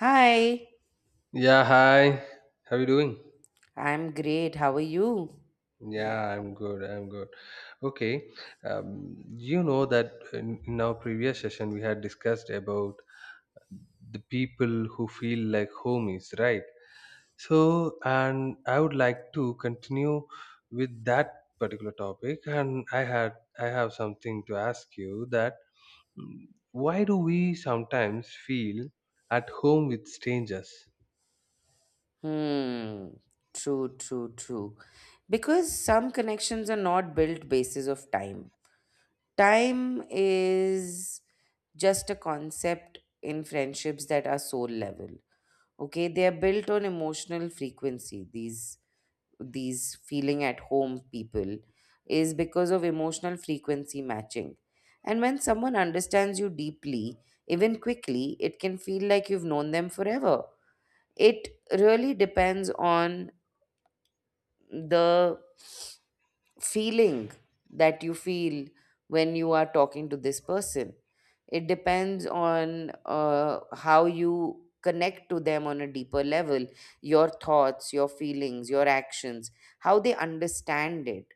Hi, Yeah, hi. How you doing? I'm great. How are you? Yeah, I'm good. I'm good. Okay. You know that in our previous session we had discussed about the people who feel like homies, right? So, and I would like to continue with that particular topic. And I have something to ask you that why do we sometimes feel at home with strangers? Hmm. True, true, true. Because some connections are not built basis of time. Time is just a concept in friendships that are soul level. Okay, they are built on emotional frequency. These feeling at home people is because of emotional frequency matching. And when someone understands you deeply, even quickly, it can feel like you've known them forever. It really depends on the feeling that you feel when you are talking to this person. It depends on how you connect to them on a deeper level, your thoughts, your feelings, your actions, how they understand it.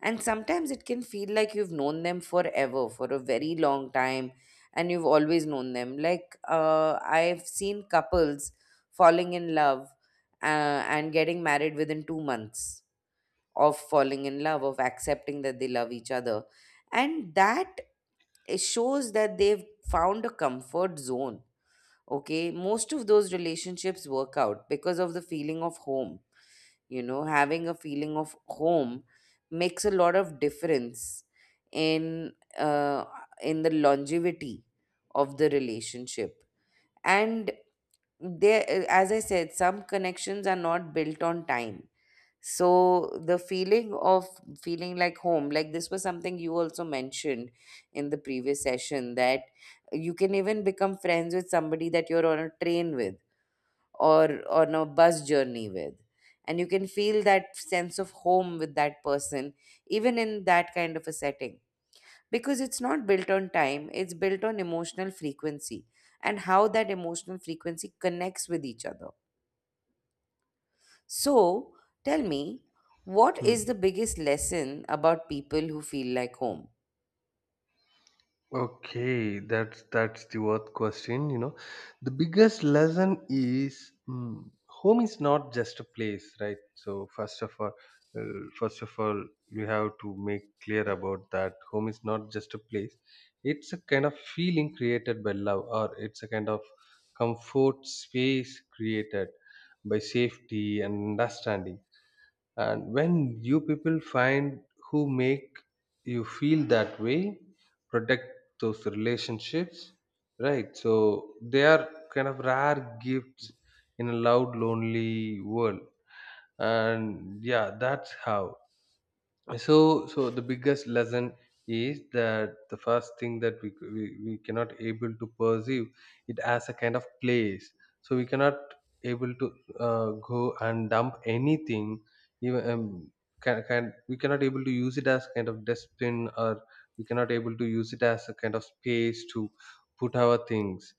And sometimes it can feel like you've known them forever, for a very long time, and you've always known them. Like, I've seen couples falling in love and getting married within 2 months of falling in love, of accepting that they love each other. And that it shows that they've found a comfort zone. Okay, most of those relationships work out because of the feeling of home. You know, having a feeling of home makes a lot of difference in uh, in the longevity of the relationship. And there, as I said, some connections are not built on time, so the feeling of feeling like home, like this was something you also mentioned in the previous session, that you can even become friends with somebody that you're on a train with or on a bus journey with. And you can feel that sense of home with that person, even in that kind of a setting. Because it's not built on time, it's built on emotional frequency and how that emotional frequency connects with each other. So, tell me, what is the biggest lesson about people who feel like home? Okay, that's the worth question. You know, the biggest lesson is home is not just a place, right? So first of all, uh, first of all, you have to make clear about that. Home is not just a place; it's a kind of feeling created by love, or it's a kind of comfort space created by safety and understanding. And when you people find who make you feel that way, protect those relationships, right? So they are kind of rare gifts in a loud lonely world. And yeah, that's how. So the biggest lesson is that the first thing that we cannot able to perceive it as a kind of place, so we cannot able to go and dump anything, even can we cannot able to use it as kind of dustbin, or we cannot able to use it as a kind of space to put our things,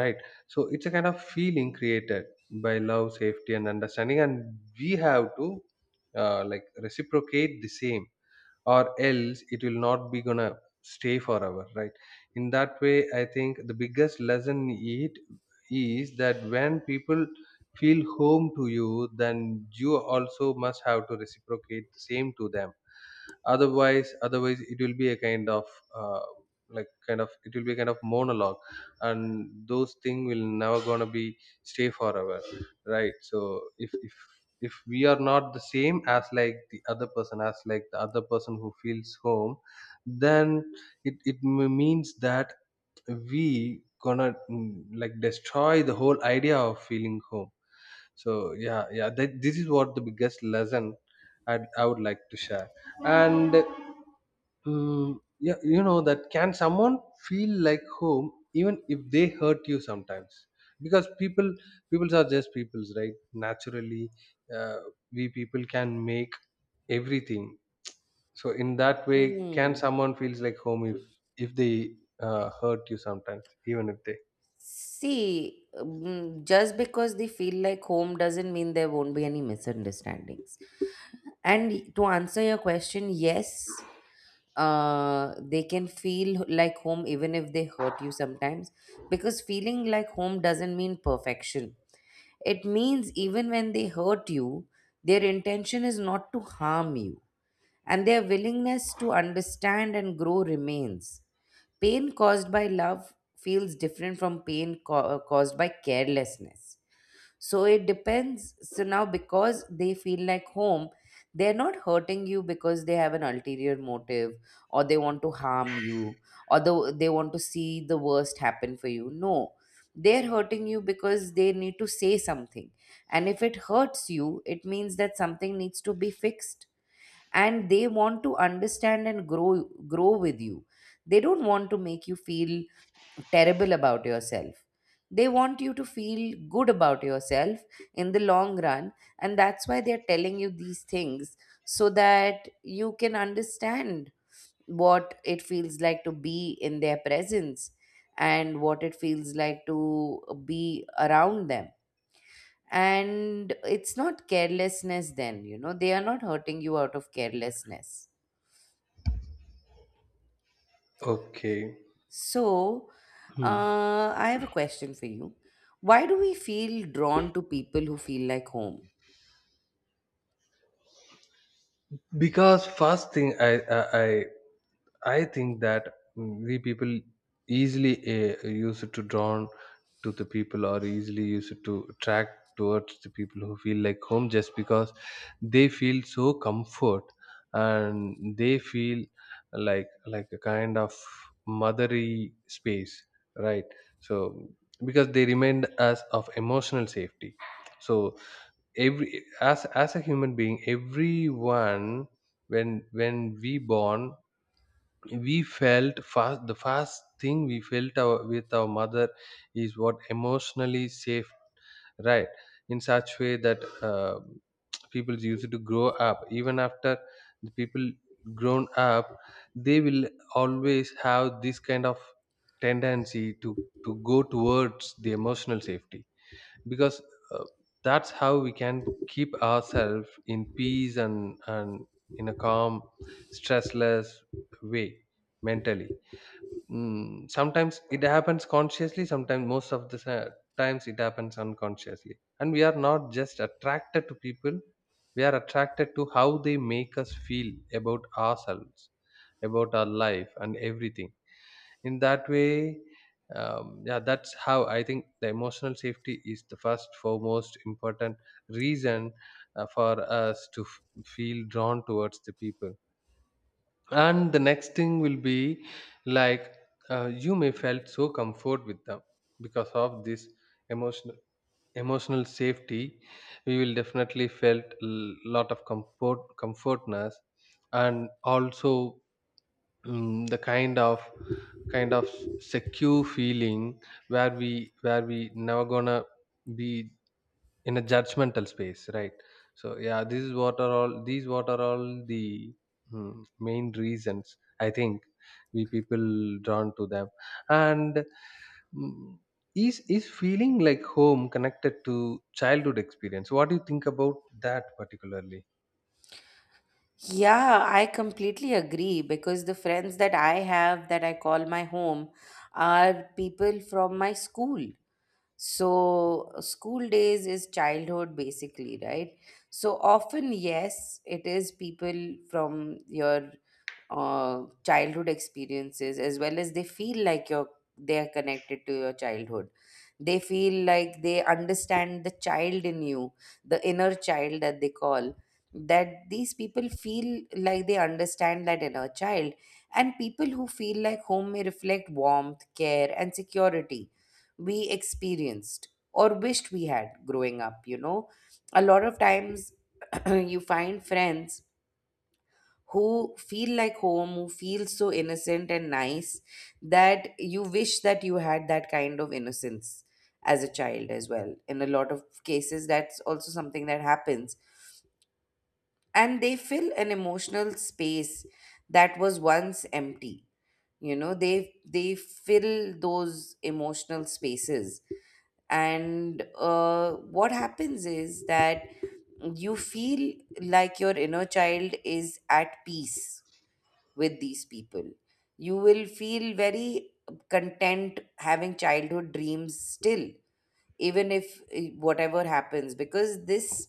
right? So it's a kind of feeling created by love, safety and understanding, and we have to like reciprocate the same, or else it will not be gonna stay forever, right? In that way I think the biggest lesson it is that when people feel home to you, then you also must have to reciprocate the same to them. Otherwise it will be a kind of uh, like kind of, it will be kind of monologue, and those things will never gonna be stay forever, right? So if we are not the same as like the other person, who feels home, then it means that we gonna like destroy the whole idea of feeling home. So this is what the biggest lesson I would like to share. And yeah, you know that can someone feel like home even if they hurt you sometimes? Because peoples are just peoples, right? Naturally, uh, we people can make everything. So in that way, can Mm. someone feels like home if they hurt you sometimes, even if they See, just because they feel like home doesn't mean there won't be any misunderstandings. And to answer your question, yes, they can feel like home even if they hurt you sometimes, because feeling like home doesn't mean perfection. It means even when they hurt you, their intention is not to harm you and their willingness to understand and grow remains. Pain caused by love feels different from pain caused by carelessness. So it depends. So now, because they feel like home, they're not hurting you because they have an ulterior motive or they want to harm you or they want to see the worst happen for you. No, they're hurting you because they need to say something. And if it hurts you, it means that something needs to be fixed, and they want to understand and grow with you. They don't want to make you feel terrible about yourself. They want you to feel good about yourself in the long run, and that's why they're telling you these things, so that you can understand what it feels like to be in their presence and what it feels like to be around them. And it's not carelessness. Then you know they are not hurting you out of carelessness. okay. So, Hmm. I have a question for you. Why do we feel drawn to people who feel like home? Because first thing I I think that we people easily used to drawn to the people, or easily used to attract towards the people who feel like home, just because they feel so comfort, and they feel like a kind of mothery space, right? So because they remind us of emotional safety. So every, as a human being, everyone, when we born, we felt fast, the first thing we felt with our mother is what emotionally safe, right? In such way that people used to grow up. Even after the people grown up, they will always have this kind of tendency to go towards the emotional safety, because uh, that's how we can keep ourselves in peace, and in a calm, stressless way mentally. Sometimes it happens consciously, sometimes most of the times it happens unconsciously, and we are not just attracted to people, we are attracted to how they make us feel about ourselves, about our life and everything. In that way, yeah, that's how I think the emotional safety is the first foremost important reason for us to feel drawn towards the people. And the next thing will be like, you may felt so comfort with them because of this emotional emotional safety. We will definitely felt a lot of comfortness. And also the kind of secure feeling where we never gonna be in a judgmental space, right? So yeah, this is what are all these what are all the main reasons I think we people drawn to them. And mm, is feeling like home connected to childhood experience? What do you think about that particularly? Yeah, I completely agree, because the friends that I have that I call my home are people from my school. So, school days is childhood basically, right? So, often, yes, it is people from your childhood experiences, as well as they feel like you're they are connected to your childhood. They feel like they understand the child in you, the inner child that they call, that these people feel like they understand that inner child. And people who feel like home may reflect warmth, care and security we experienced or wished we had growing up. You know, a lot of times you find friends who feel like home, who feel so innocent and nice that you wish that you had that kind of innocence as a child as well. In a lot of cases, that's also something that happens. And they fill an emotional space that was once empty. You know, they fill those emotional spaces. And what happens is that you feel like your inner child is at peace with these people. You will feel very content having childhood dreams still, even if whatever happens, because this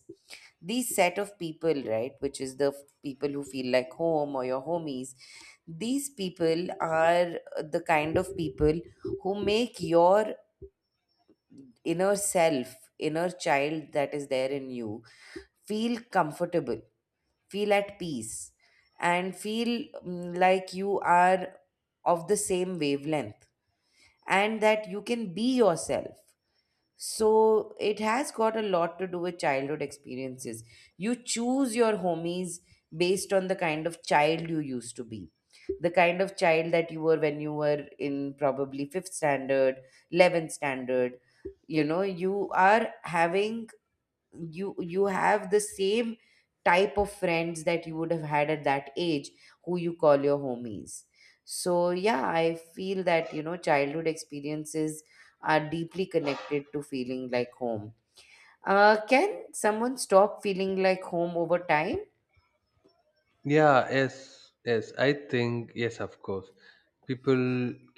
these set of people, right, which is the people who feel like home or your homies, these people are the kind of people who make your inner self, inner child that is there in you, feel comfortable, feel at peace, and feel like you are of the same wavelength, and that you can be yourself. So it has got a lot to do with childhood experiences. You choose your homies based on the kind of child you used to be. The kind of child that you were when you were in probably fifth standard, 11th standard. You know, you are having you have the same type of friends that you would have had at that age, who you call your homies. So yeah, I feel that, you know, childhood experiences are deeply connected to feeling like home. Can someone stop feeling like home over time? Yeah yes yes, I think yes, of course people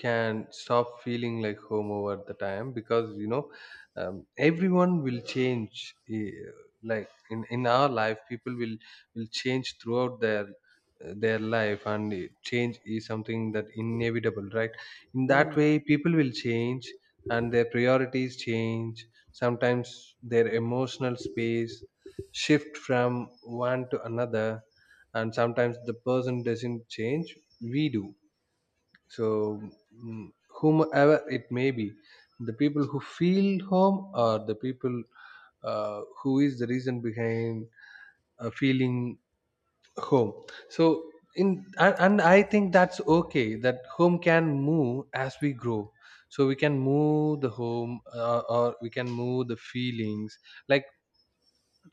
can stop feeling like home over the time, because you know, everyone will change, like in our life people will change throughout their life. And change is something that inevitable, right? In that Mm. way, people will change and their priorities change, sometimes their emotional space shift from one to another, and sometimes the person doesn't change, we do. So mm, whomever it may be, the people who feel home, or the people who is the reason behind feeling home. So in, and I think that's okay that home can move as we grow. So we can move the home, or we can move the feelings, like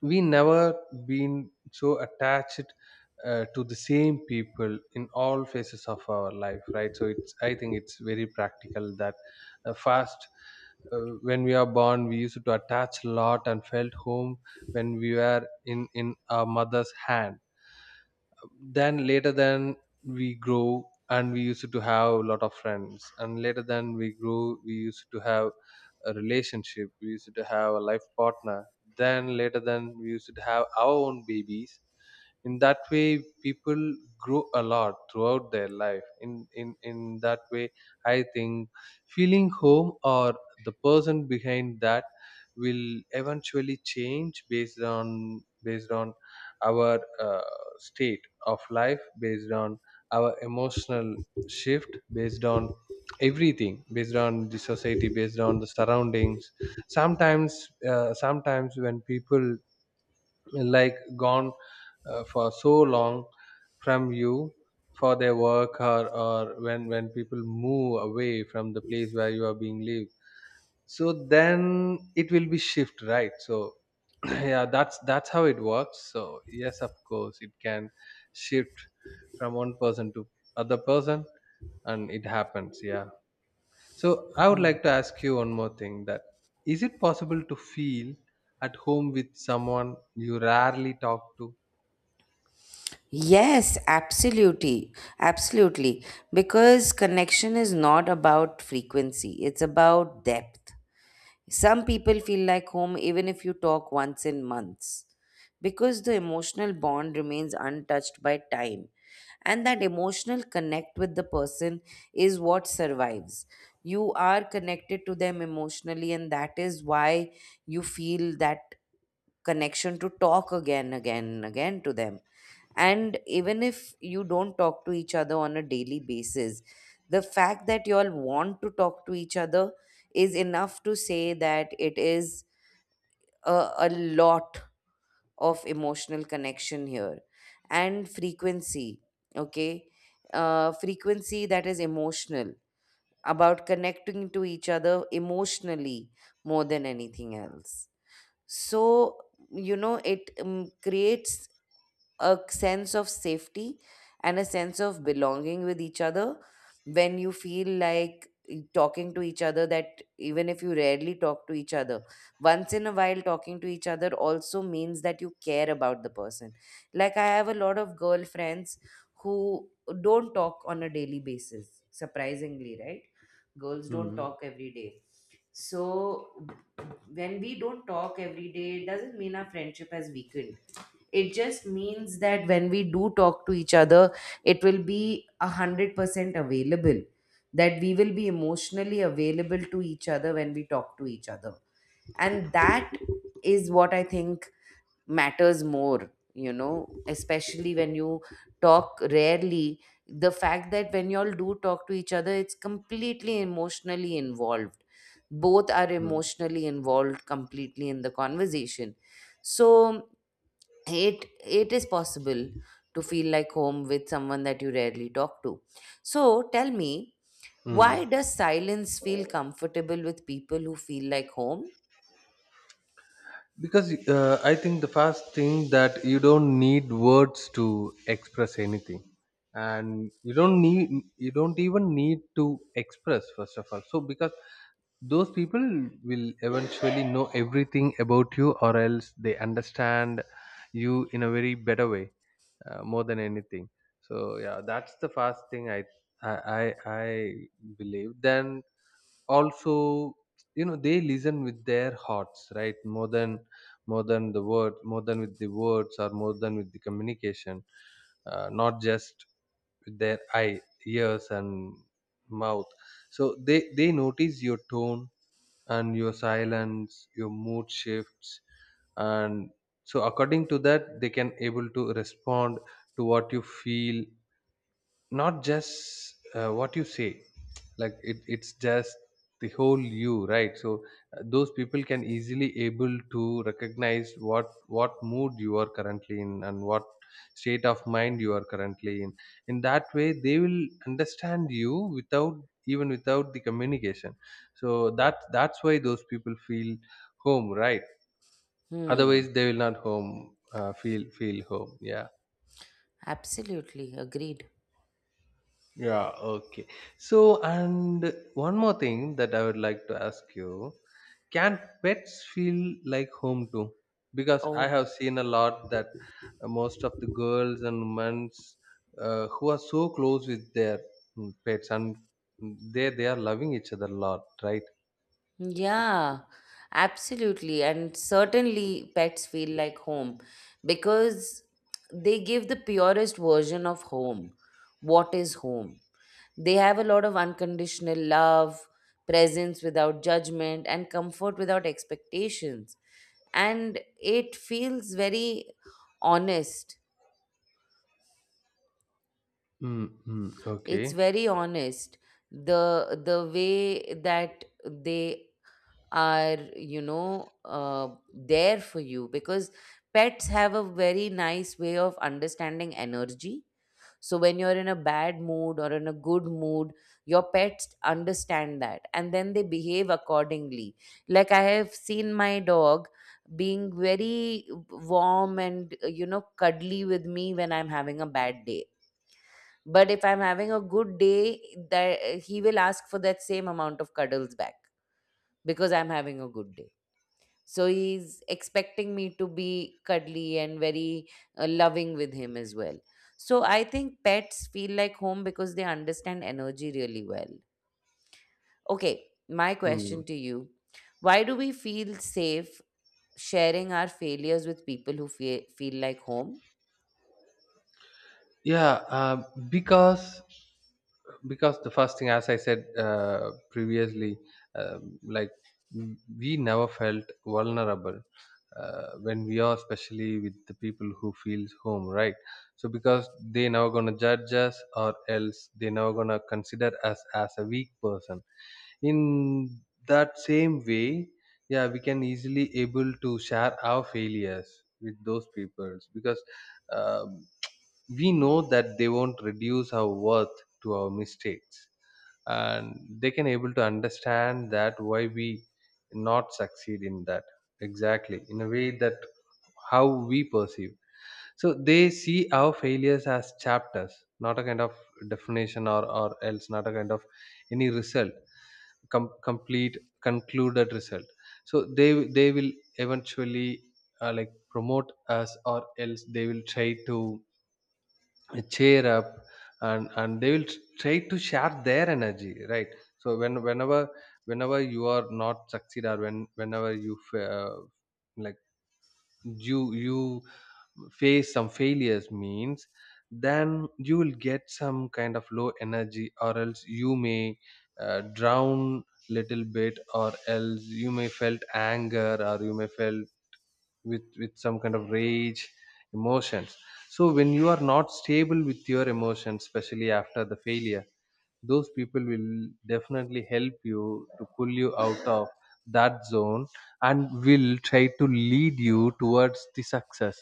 we never been so attached to the same people in all phases of our life, right? So it's, I think it's very practical that first uh, when we are born, we used to attach a lot and felt home when we were in our mother's hand. Then later, then we grow, and we used to have a lot of friends. And later, then we grew, we used to have a relationship, we used to have a life partner. Then later, then we used to have our own babies. In that way, people grow a lot throughout their life. In that way, I think feeling home, or the person behind that, will eventually change based on our uh, state of life, based on our emotional shift, based on everything, based on the society, based on the surroundings. Sometimes sometimes when people like gone for so long from you for their work, or when people move away from the place where you are being lived, so then it will be shift, right? So yeah, that's how it works. So yes, of course it can shift from one person to other person, and it happens. Yeah. So I would like to ask you one more thing, that is it possible to feel at home with someone you rarely talk to? Yes, absolutely. Absolutely. Because connection is not about frequency, it's about depth. Some people feel like home even if you talk once in months. Because the emotional bond remains untouched by time, and that emotional connect with the person is what survives. You are connected to them emotionally, and that is why you feel that connection to talk again, again, again to them. And even if you don't talk to each other on a daily basis, the fact that you all want to talk to each other is enough to say that it is a lot of emotional connection here. And frequency, okay, frequency that is emotional, about connecting to each other emotionally more than anything else. So you know, it creates a sense of safety and a sense of belonging with each other. When you feel like talking to each other, that even if you rarely talk to each other, once in a while talking to each other also means that you care about the person. Like, I have a lot of girlfriends who don't talk on a daily basis, surprisingly, right? Girls don't Mm, talk every day. So when we don't talk every day, it doesn't mean our friendship has weakened. It just means that when we do talk to each other, it will be 100% available. That we will be emotionally available to each other when we talk to each other. And that is what I think matters more, you know, especially when you talk rarely. The fact that when y'all do talk to each other, it's completely emotionally involved. Both are mm, emotionally involved completely in the conversation. So it is possible to feel like home with someone that you rarely talk to. So tell me, why mm. does silence feel comfortable with people who feel like home? Because I think the first thing, that you don't need words to express anything, and you don't even need to express first of all. So because those people will eventually know everything about you, or else they understand you in a very better way, more than anything. So yeah, that's the first thing I believe. Then also, you know, they listen with their hearts, right, more than the word more than with the words, or more than with the communication, not just with their eye, ears and mouth. So they notice your tone, and your silence, your mood shifts. And so according to that, they can able to respond to what you feel, not just what you say. Like it's just the whole you, right? So those people can easily able to recognize what mood you are currently in, and what state of mind you are currently in. In that way, they will understand you without, even without the communication. So that's why those people feel home, right? Hmm. Otherwise they will not home, feel home. Yeah. Absolutely agreed. Yeah, okay. So, and one more thing that I would like to ask you, can pets feel like home too? Because I Oh, have seen a lot that most of the girls and women who are so close with their pets, and they are loving each other a lot, right? yeah, absolutely, and certainly pets feel like home, because they give the purest version of home. What is home? They have a lot of unconditional love, presence without judgment, and comfort without expectations. And it feels very honest. Mm-hmm. It's Okay. very honest. The way that they are, you know, there for you, because pets have a very nice way of understanding energy. So when you're in a bad mood or in a good mood, your pets understand that and then they behave accordingly. Like I have seen my dog being very warm and you know, cuddly with me when I'm having a bad day. But if I'm having a good day, that he will ask for that same amount of cuddles back because I'm having a good day. So he's expecting me to be cuddly and very loving with him as well. So I think pets feel like home because they understand energy really well. Okay, my question to you: why do we feel safe sharing our failures with people who feel like home? yeah uh, because because the first thing, as I said previously, like we never felt vulnerable when we are, especially with the people who feels home, right? So because they never gonna judge us, or else they never gonna consider us as a weak person. In that same way, yeah, we can easily able to share our failures with those people because um, we know that they won't reduce our worth to our mistakes, and they can able to understand that why we not succeed in that exactly in a way that how we perceive. So they see our failures as chapters, not a kind of definition, or else not a kind of any result, complete concluded result. So they will eventually like promote us, or else they will try to cheer up. And they will try to share their energy, right? So whenever whenever you are not succeed, or whenever you like you face some failures means, then you will get some kind of low energy, or else you may drown little bit, or else you may felt anger, or you may felt with some kind of rage emotions. So when you are not stable with your emotions, especially after the failure, those people will definitely help you to pull you out of that zone, and will try to lead you towards the success.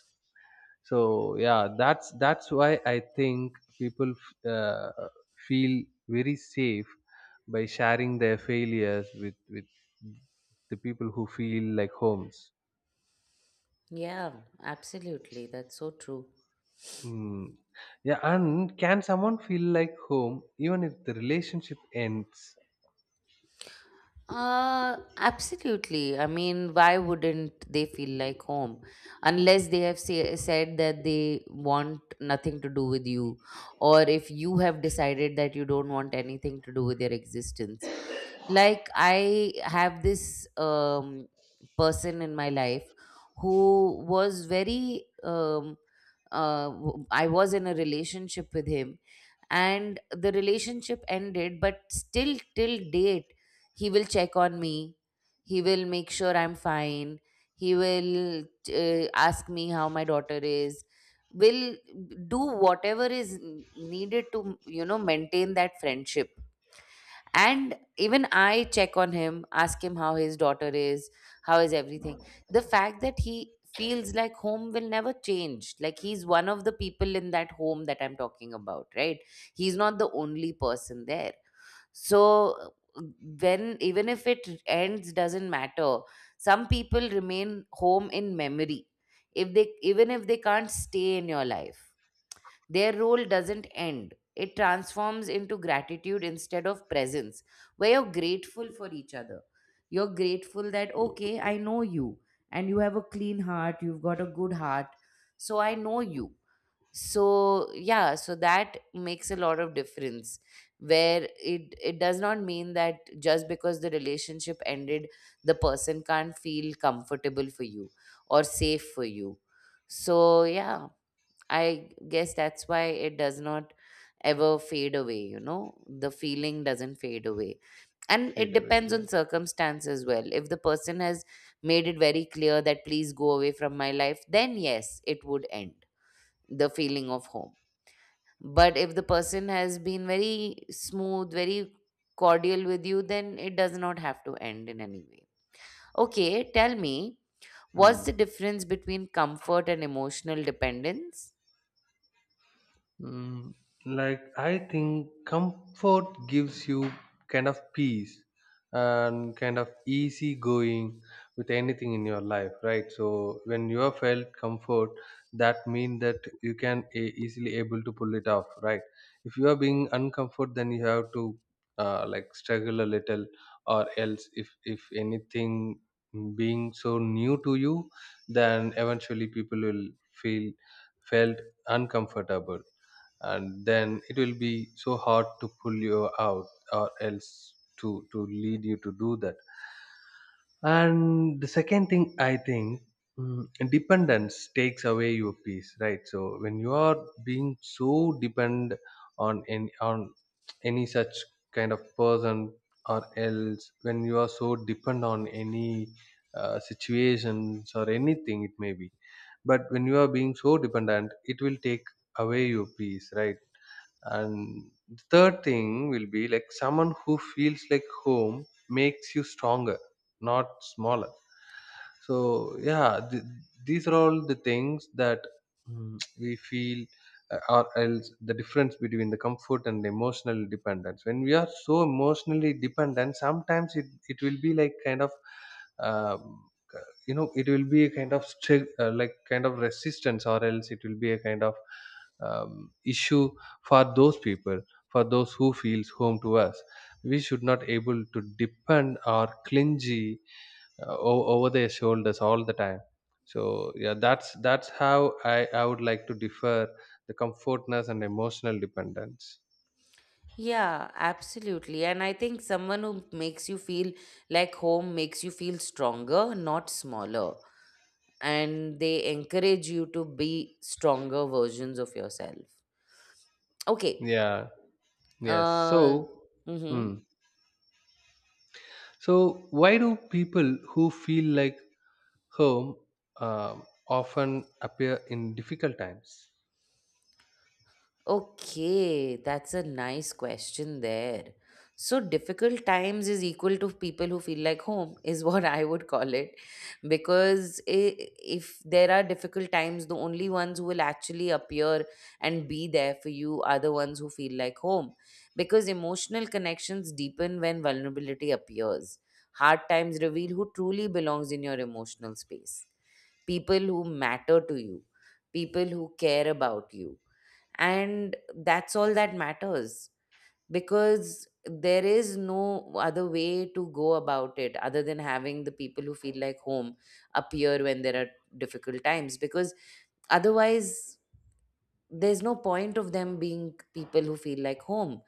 So yeah, that's why I think people uh, feel very safe by sharing their failures with the people who feel like homes. Yeah, absolutely. That's so true. Hmm. Yeah, and can someone feel like home even if the relationship ends? Absolutely. I mean, why wouldn't they feel like home? Unless they have said that they want nothing to do with you, or if you have decided that you don't want anything to do with their existence. Like, I have this person in my life who was I was in a relationship with him, and the relationship ended, but still, till date, he will check on me. He will make sure I'm fine. He will ask me how my daughter is will do whatever is needed to maintain that friendship. And even I check on him, ask him how his daughter is, how is everything. The fact that he feels like home will never change. Like, he's one of the people in that home that I'm talking about, right? He's not the only person there. So when, even if it ends, doesn't matter. Some people remain home in memory. If they, even if they can't stay in your life, their role doesn't end, it transforms into gratitude instead of presence, where you're grateful for each other. You're grateful that, okay, I know you, and you have a clean heart, you've got a good heart, so I know you. So yeah, so that makes a lot of difference, where it does not mean that just because the relationship ended, the person can't feel comfortable for you or safe for you. So yeah, I guess that's why it does not ever fade away, you know, the feeling doesn't fade away. And Straight it away, depends yeah. on circumstance as well. If the person has made it very clear that please go away from my life, then yes, it would end, the feeling of home. But if the person has been very smooth, very cordial with you, then it does not have to end in any way. Okay, tell me, what's Hmm. the difference between comfort and emotional dependence? Mm, like I think comfort gives you kind of peace and kind of easy going with anything in your life, right? So when you have felt comfort, that mean that you can easily able to pull it off, right? If you are being uncomfort, then you have to like struggle a little, or else if anything being so new to you, then eventually people will feel felt uncomfortable, and then it will be so hard to pull you out, or else to lead you to do that. And the second thing, I think, mm, dependence takes away your peace, right? So when you are being so depend on any, on any such kind of person, or else when you are so depend on any situations or anything it may be, but when you are being so dependent, it will take away your peace, right? And the third thing will be like someone who feels like home makes you stronger, not smaller. So yeah, these are all the things that mm, we feel, or else the difference between the comfort and the emotional dependence. When we are so emotionally dependent, sometimes it will be like kind of um, uh, it will be a kind of like kind of resistance, or else it will be a kind of issue for those people, for those who feels home to us. We should not able to depend or clingy over their shoulders all the time. So yeah, that's how I would like to differ the comfortness and emotional dependence. Yeah, absolutely. And I think someone who makes you feel like home makes you feel stronger, not smaller. And they encourage you to be stronger versions of yourself. Okay. Yeah, yes. Uh, So hmm. mhm. So why do people who feel like home often appear in difficult times? Okay, that's a nice question there. So, difficult times is equal to people who feel like home, is what I would call it. Because i- if there are difficult times, the only ones who will actually appear and be there for you are the ones who feel like home. Because emotional connections deepen when vulnerability appears. Hard times reveal who truly belongs in your emotional space, people who matter to you, people who care about you, and that's all that matters, because there is no other way to go about it other than having the people who feel like home appear when there are difficult times. Because otherwise, there's no point of them being people who feel like home.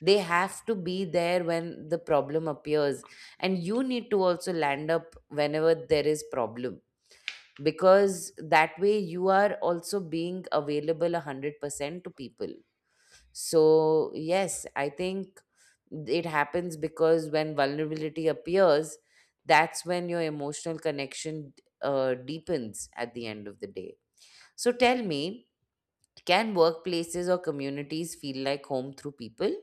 They have to be there when the problem appears, and you need to also land up whenever there is problem, because that way you are also being available 100% to people. So, yes, I think it happens because when vulnerability appears, that's when your emotional connection deepens at the end of the day. So, tell me, can workplaces or communities feel like home through people?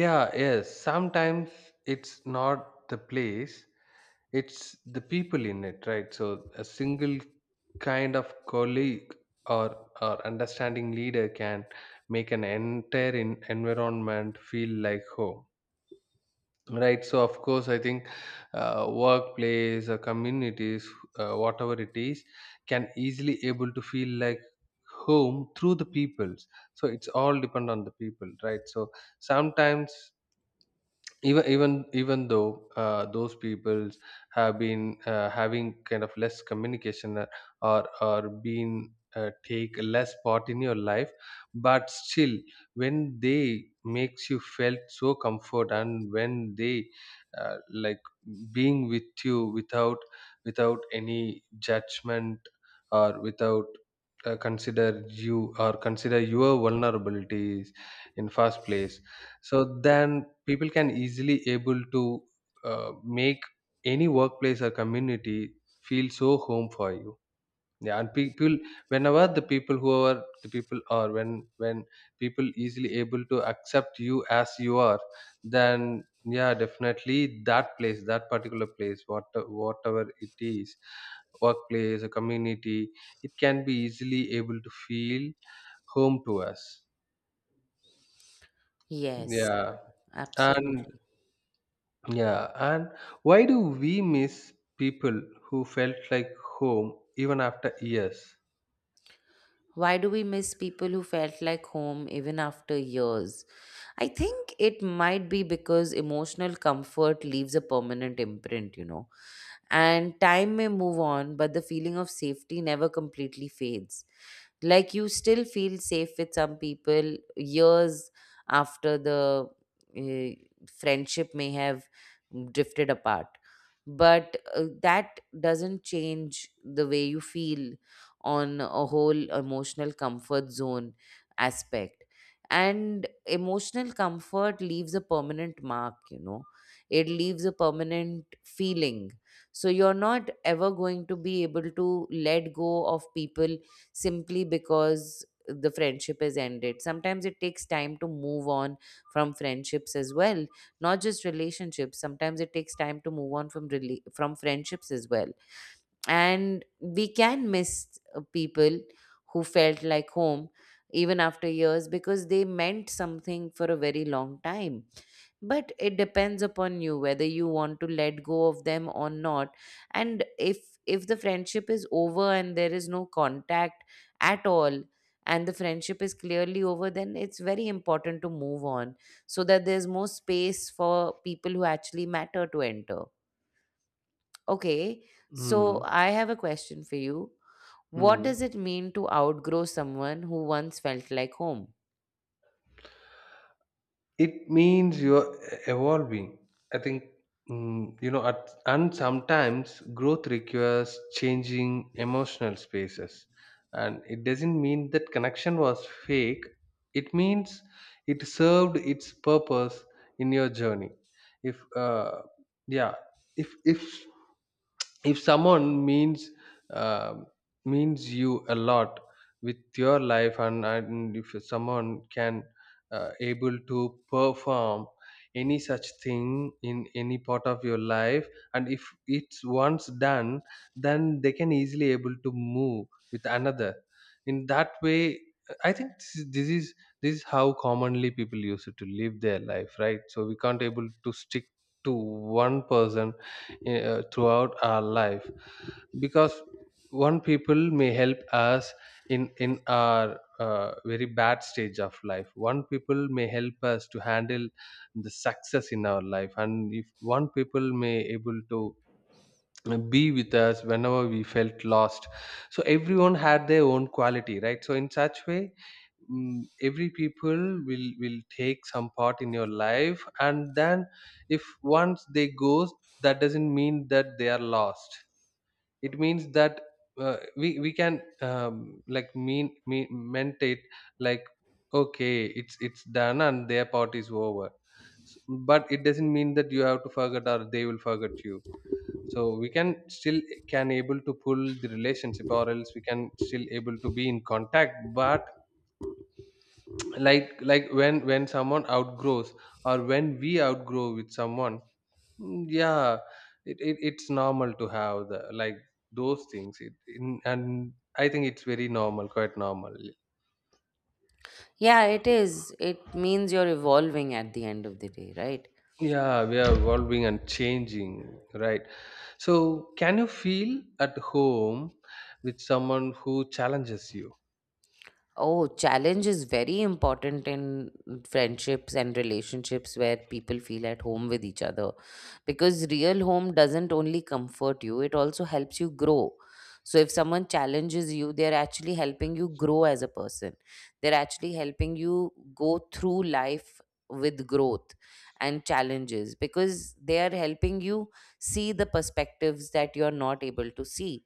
Yeah, yes, sometimes it's not the place, it's the people in it, right? So a single kind of colleague, or understanding leader can make an entire in, environment feel like home, right? So of course, I think workplace or communities, whatever it is, can easily able to feel like home through the peoples. So it's all depend on the people, right? So sometimes even even though those peoples have been having kind of less communication, or been take less part in your life, but still, when they makes you felt so comfort, and when they like being with you without without any judgment, or without consider you or consider your vulnerabilities in first place, so then people can easily able to make any workplace or community feel so home for you. Yeah, and people whenever the people who are the people are when people easily able to accept you as you are, then yeah, definitely that place, that particular place what whatever it is, workplace or community, it can be easily able to feel home to us. Yes, Yeah, and absolutely. yeah, and why do we miss people who felt like home even after years? Why do we miss people who felt like home even after years? I think it might be because emotional comfort leaves a permanent imprint, you know. And time may move on, but the feeling of safety never completely fades. Like, you still feel safe with some people years after the friendship may have drifted apart. But that doesn't change the way you feel on a whole emotional comfort zone aspect. And emotional comfort leaves a permanent mark, you know, it leaves a permanent feeling, so you're not ever going to be able to let go of people simply because the friendship is ended. Sometimes it takes time to move on from friendships as well, not just relationships. Sometimes it takes time to move on from from friendships as well. And we can miss people who felt like home even after years because they meant something for a very long time, but it depends upon you whether you want to let go of them or not. And if the friendship is over and there is no contact at all, and the friendship is clearly over, then it's very important to move on so that there's more space for people who actually matter to enter. Okay, so Hmm. I have a question for you. What Hmm. does it mean to outgrow someone who once felt like home? It means you're evolving, I think, mm, you know, at, and sometimes growth requires changing emotional spaces. And it doesn't mean that connection was fake, it means it served its purpose in your journey. If, uh, yeah, if if someone means uh, means you a lot with your life, and if someone can able to perform any such thing in any part of your life, and if it's once done, then they can easily able to move with another in that way. I think this is how commonly people use it to live their life, right? So we can't able to stick to one person throughout our life, because one people may help us in our very bad stage of life, one people may help us to handle the success in our life, and if one people may able to be with us whenever we felt lost. So everyone had their own quality, right? So in such way, mm, every people will take some part in your life, and then if once they goes, that doesn't mean that they are lost. It means that we can like meant it like, okay, it's done, and their part is over. S- but it doesn't mean that you have to forget, or they will forget you. So we can still can able to pull the relationship, or else we can still able to be in contact. But like when someone outgrows, or when we outgrow with someone, mm, yeah, it, it's normal to have the like those things. It in, and I think it's very normal, quite normal. Yeah, it is. It means you're evolving at the end of the day, right? Yeah, we are evolving and changing, right? So can you feel at home with someone who challenges you? Oh, challenge is very important in friendships and relationships where people feel at home with each other. Because real home doesn't only comfort you, it also helps you grow. So if someone challenges you, they're actually helping you grow as a person. They're actually helping you go through life with growth and challenges, because they are helping you see the perspectives that you're not able to see.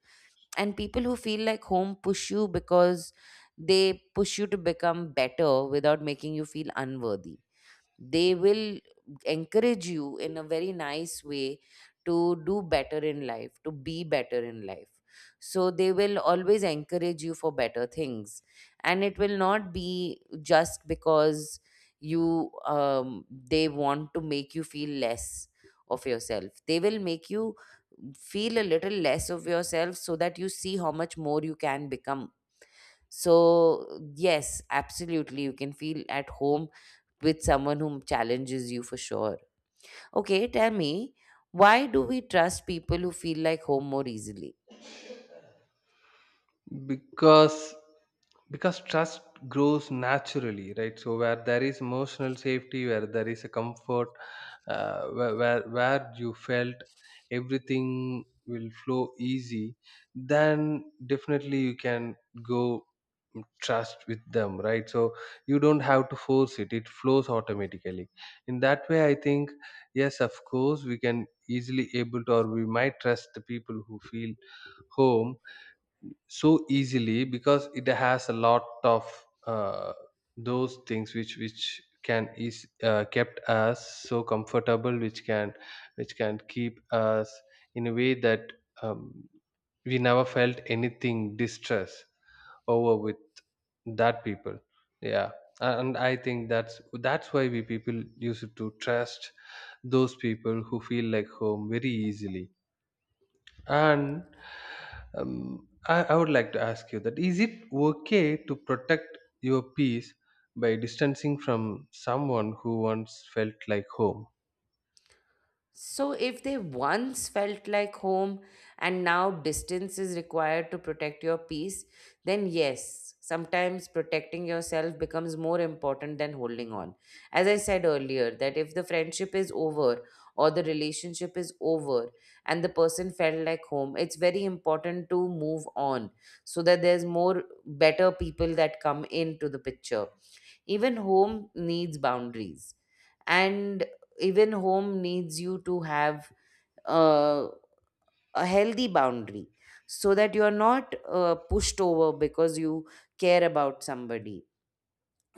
And people who feel like home push you because they push you to become better without making you feel unworthy. They will encourage you in a very nice way to do better in life, to be better in life. So they will always encourage you for better things. And it will not be just because you they want to make you feel less of yourself. They will make you feel a little less of yourself so that you see how much more you can become. So, yes, absolutely, you can feel at home with someone who challenges you for sure. Okay, tell me, why do we trust people who feel like home more easily? because because trust grows naturally, right? So where there is emotional safety, where there is a comfort, where you felt everything will flow easy, then definitely you can go trust with them, right? So you don't have to force it, it flows automatically. In that way, I think, yes, of course, we can easily able to, or we might trust the people who feel home so easily, because it has a lot of uh, those things which can is kept us so comfortable, which can keep us in a way that um, we never felt anything distress over with that people. Yeah, and I think that's why we people used to trust those people who feel like home very easily. And I would like to ask you that, is it okay to protect your peace by distancing from someone who once felt like home? So, if they once felt like home and now distance is required to protect your peace, then yes, sometimes protecting yourself becomes more important than holding on. As I said earlier, that if the friendship is over or the relationship is over and the person felt like home, it's very important to move on so that there's more better people that come into the picture. Even home needs boundaries, and even home needs you to have uh, a healthy boundary so that you are not pushed over because you care about somebody.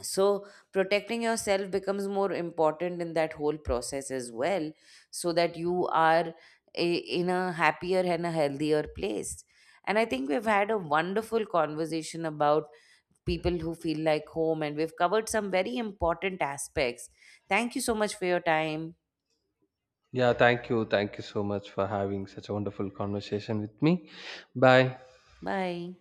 So protecting yourself becomes more important in that whole process as well, so that you are a, in a happier and a healthier place. And I think we've had a wonderful conversation about people who feel like home, and we've covered some very important aspects. Thank you so much for your time. Yeah, thank you. Thank you so much for having such a wonderful conversation with me. Bye. Bye.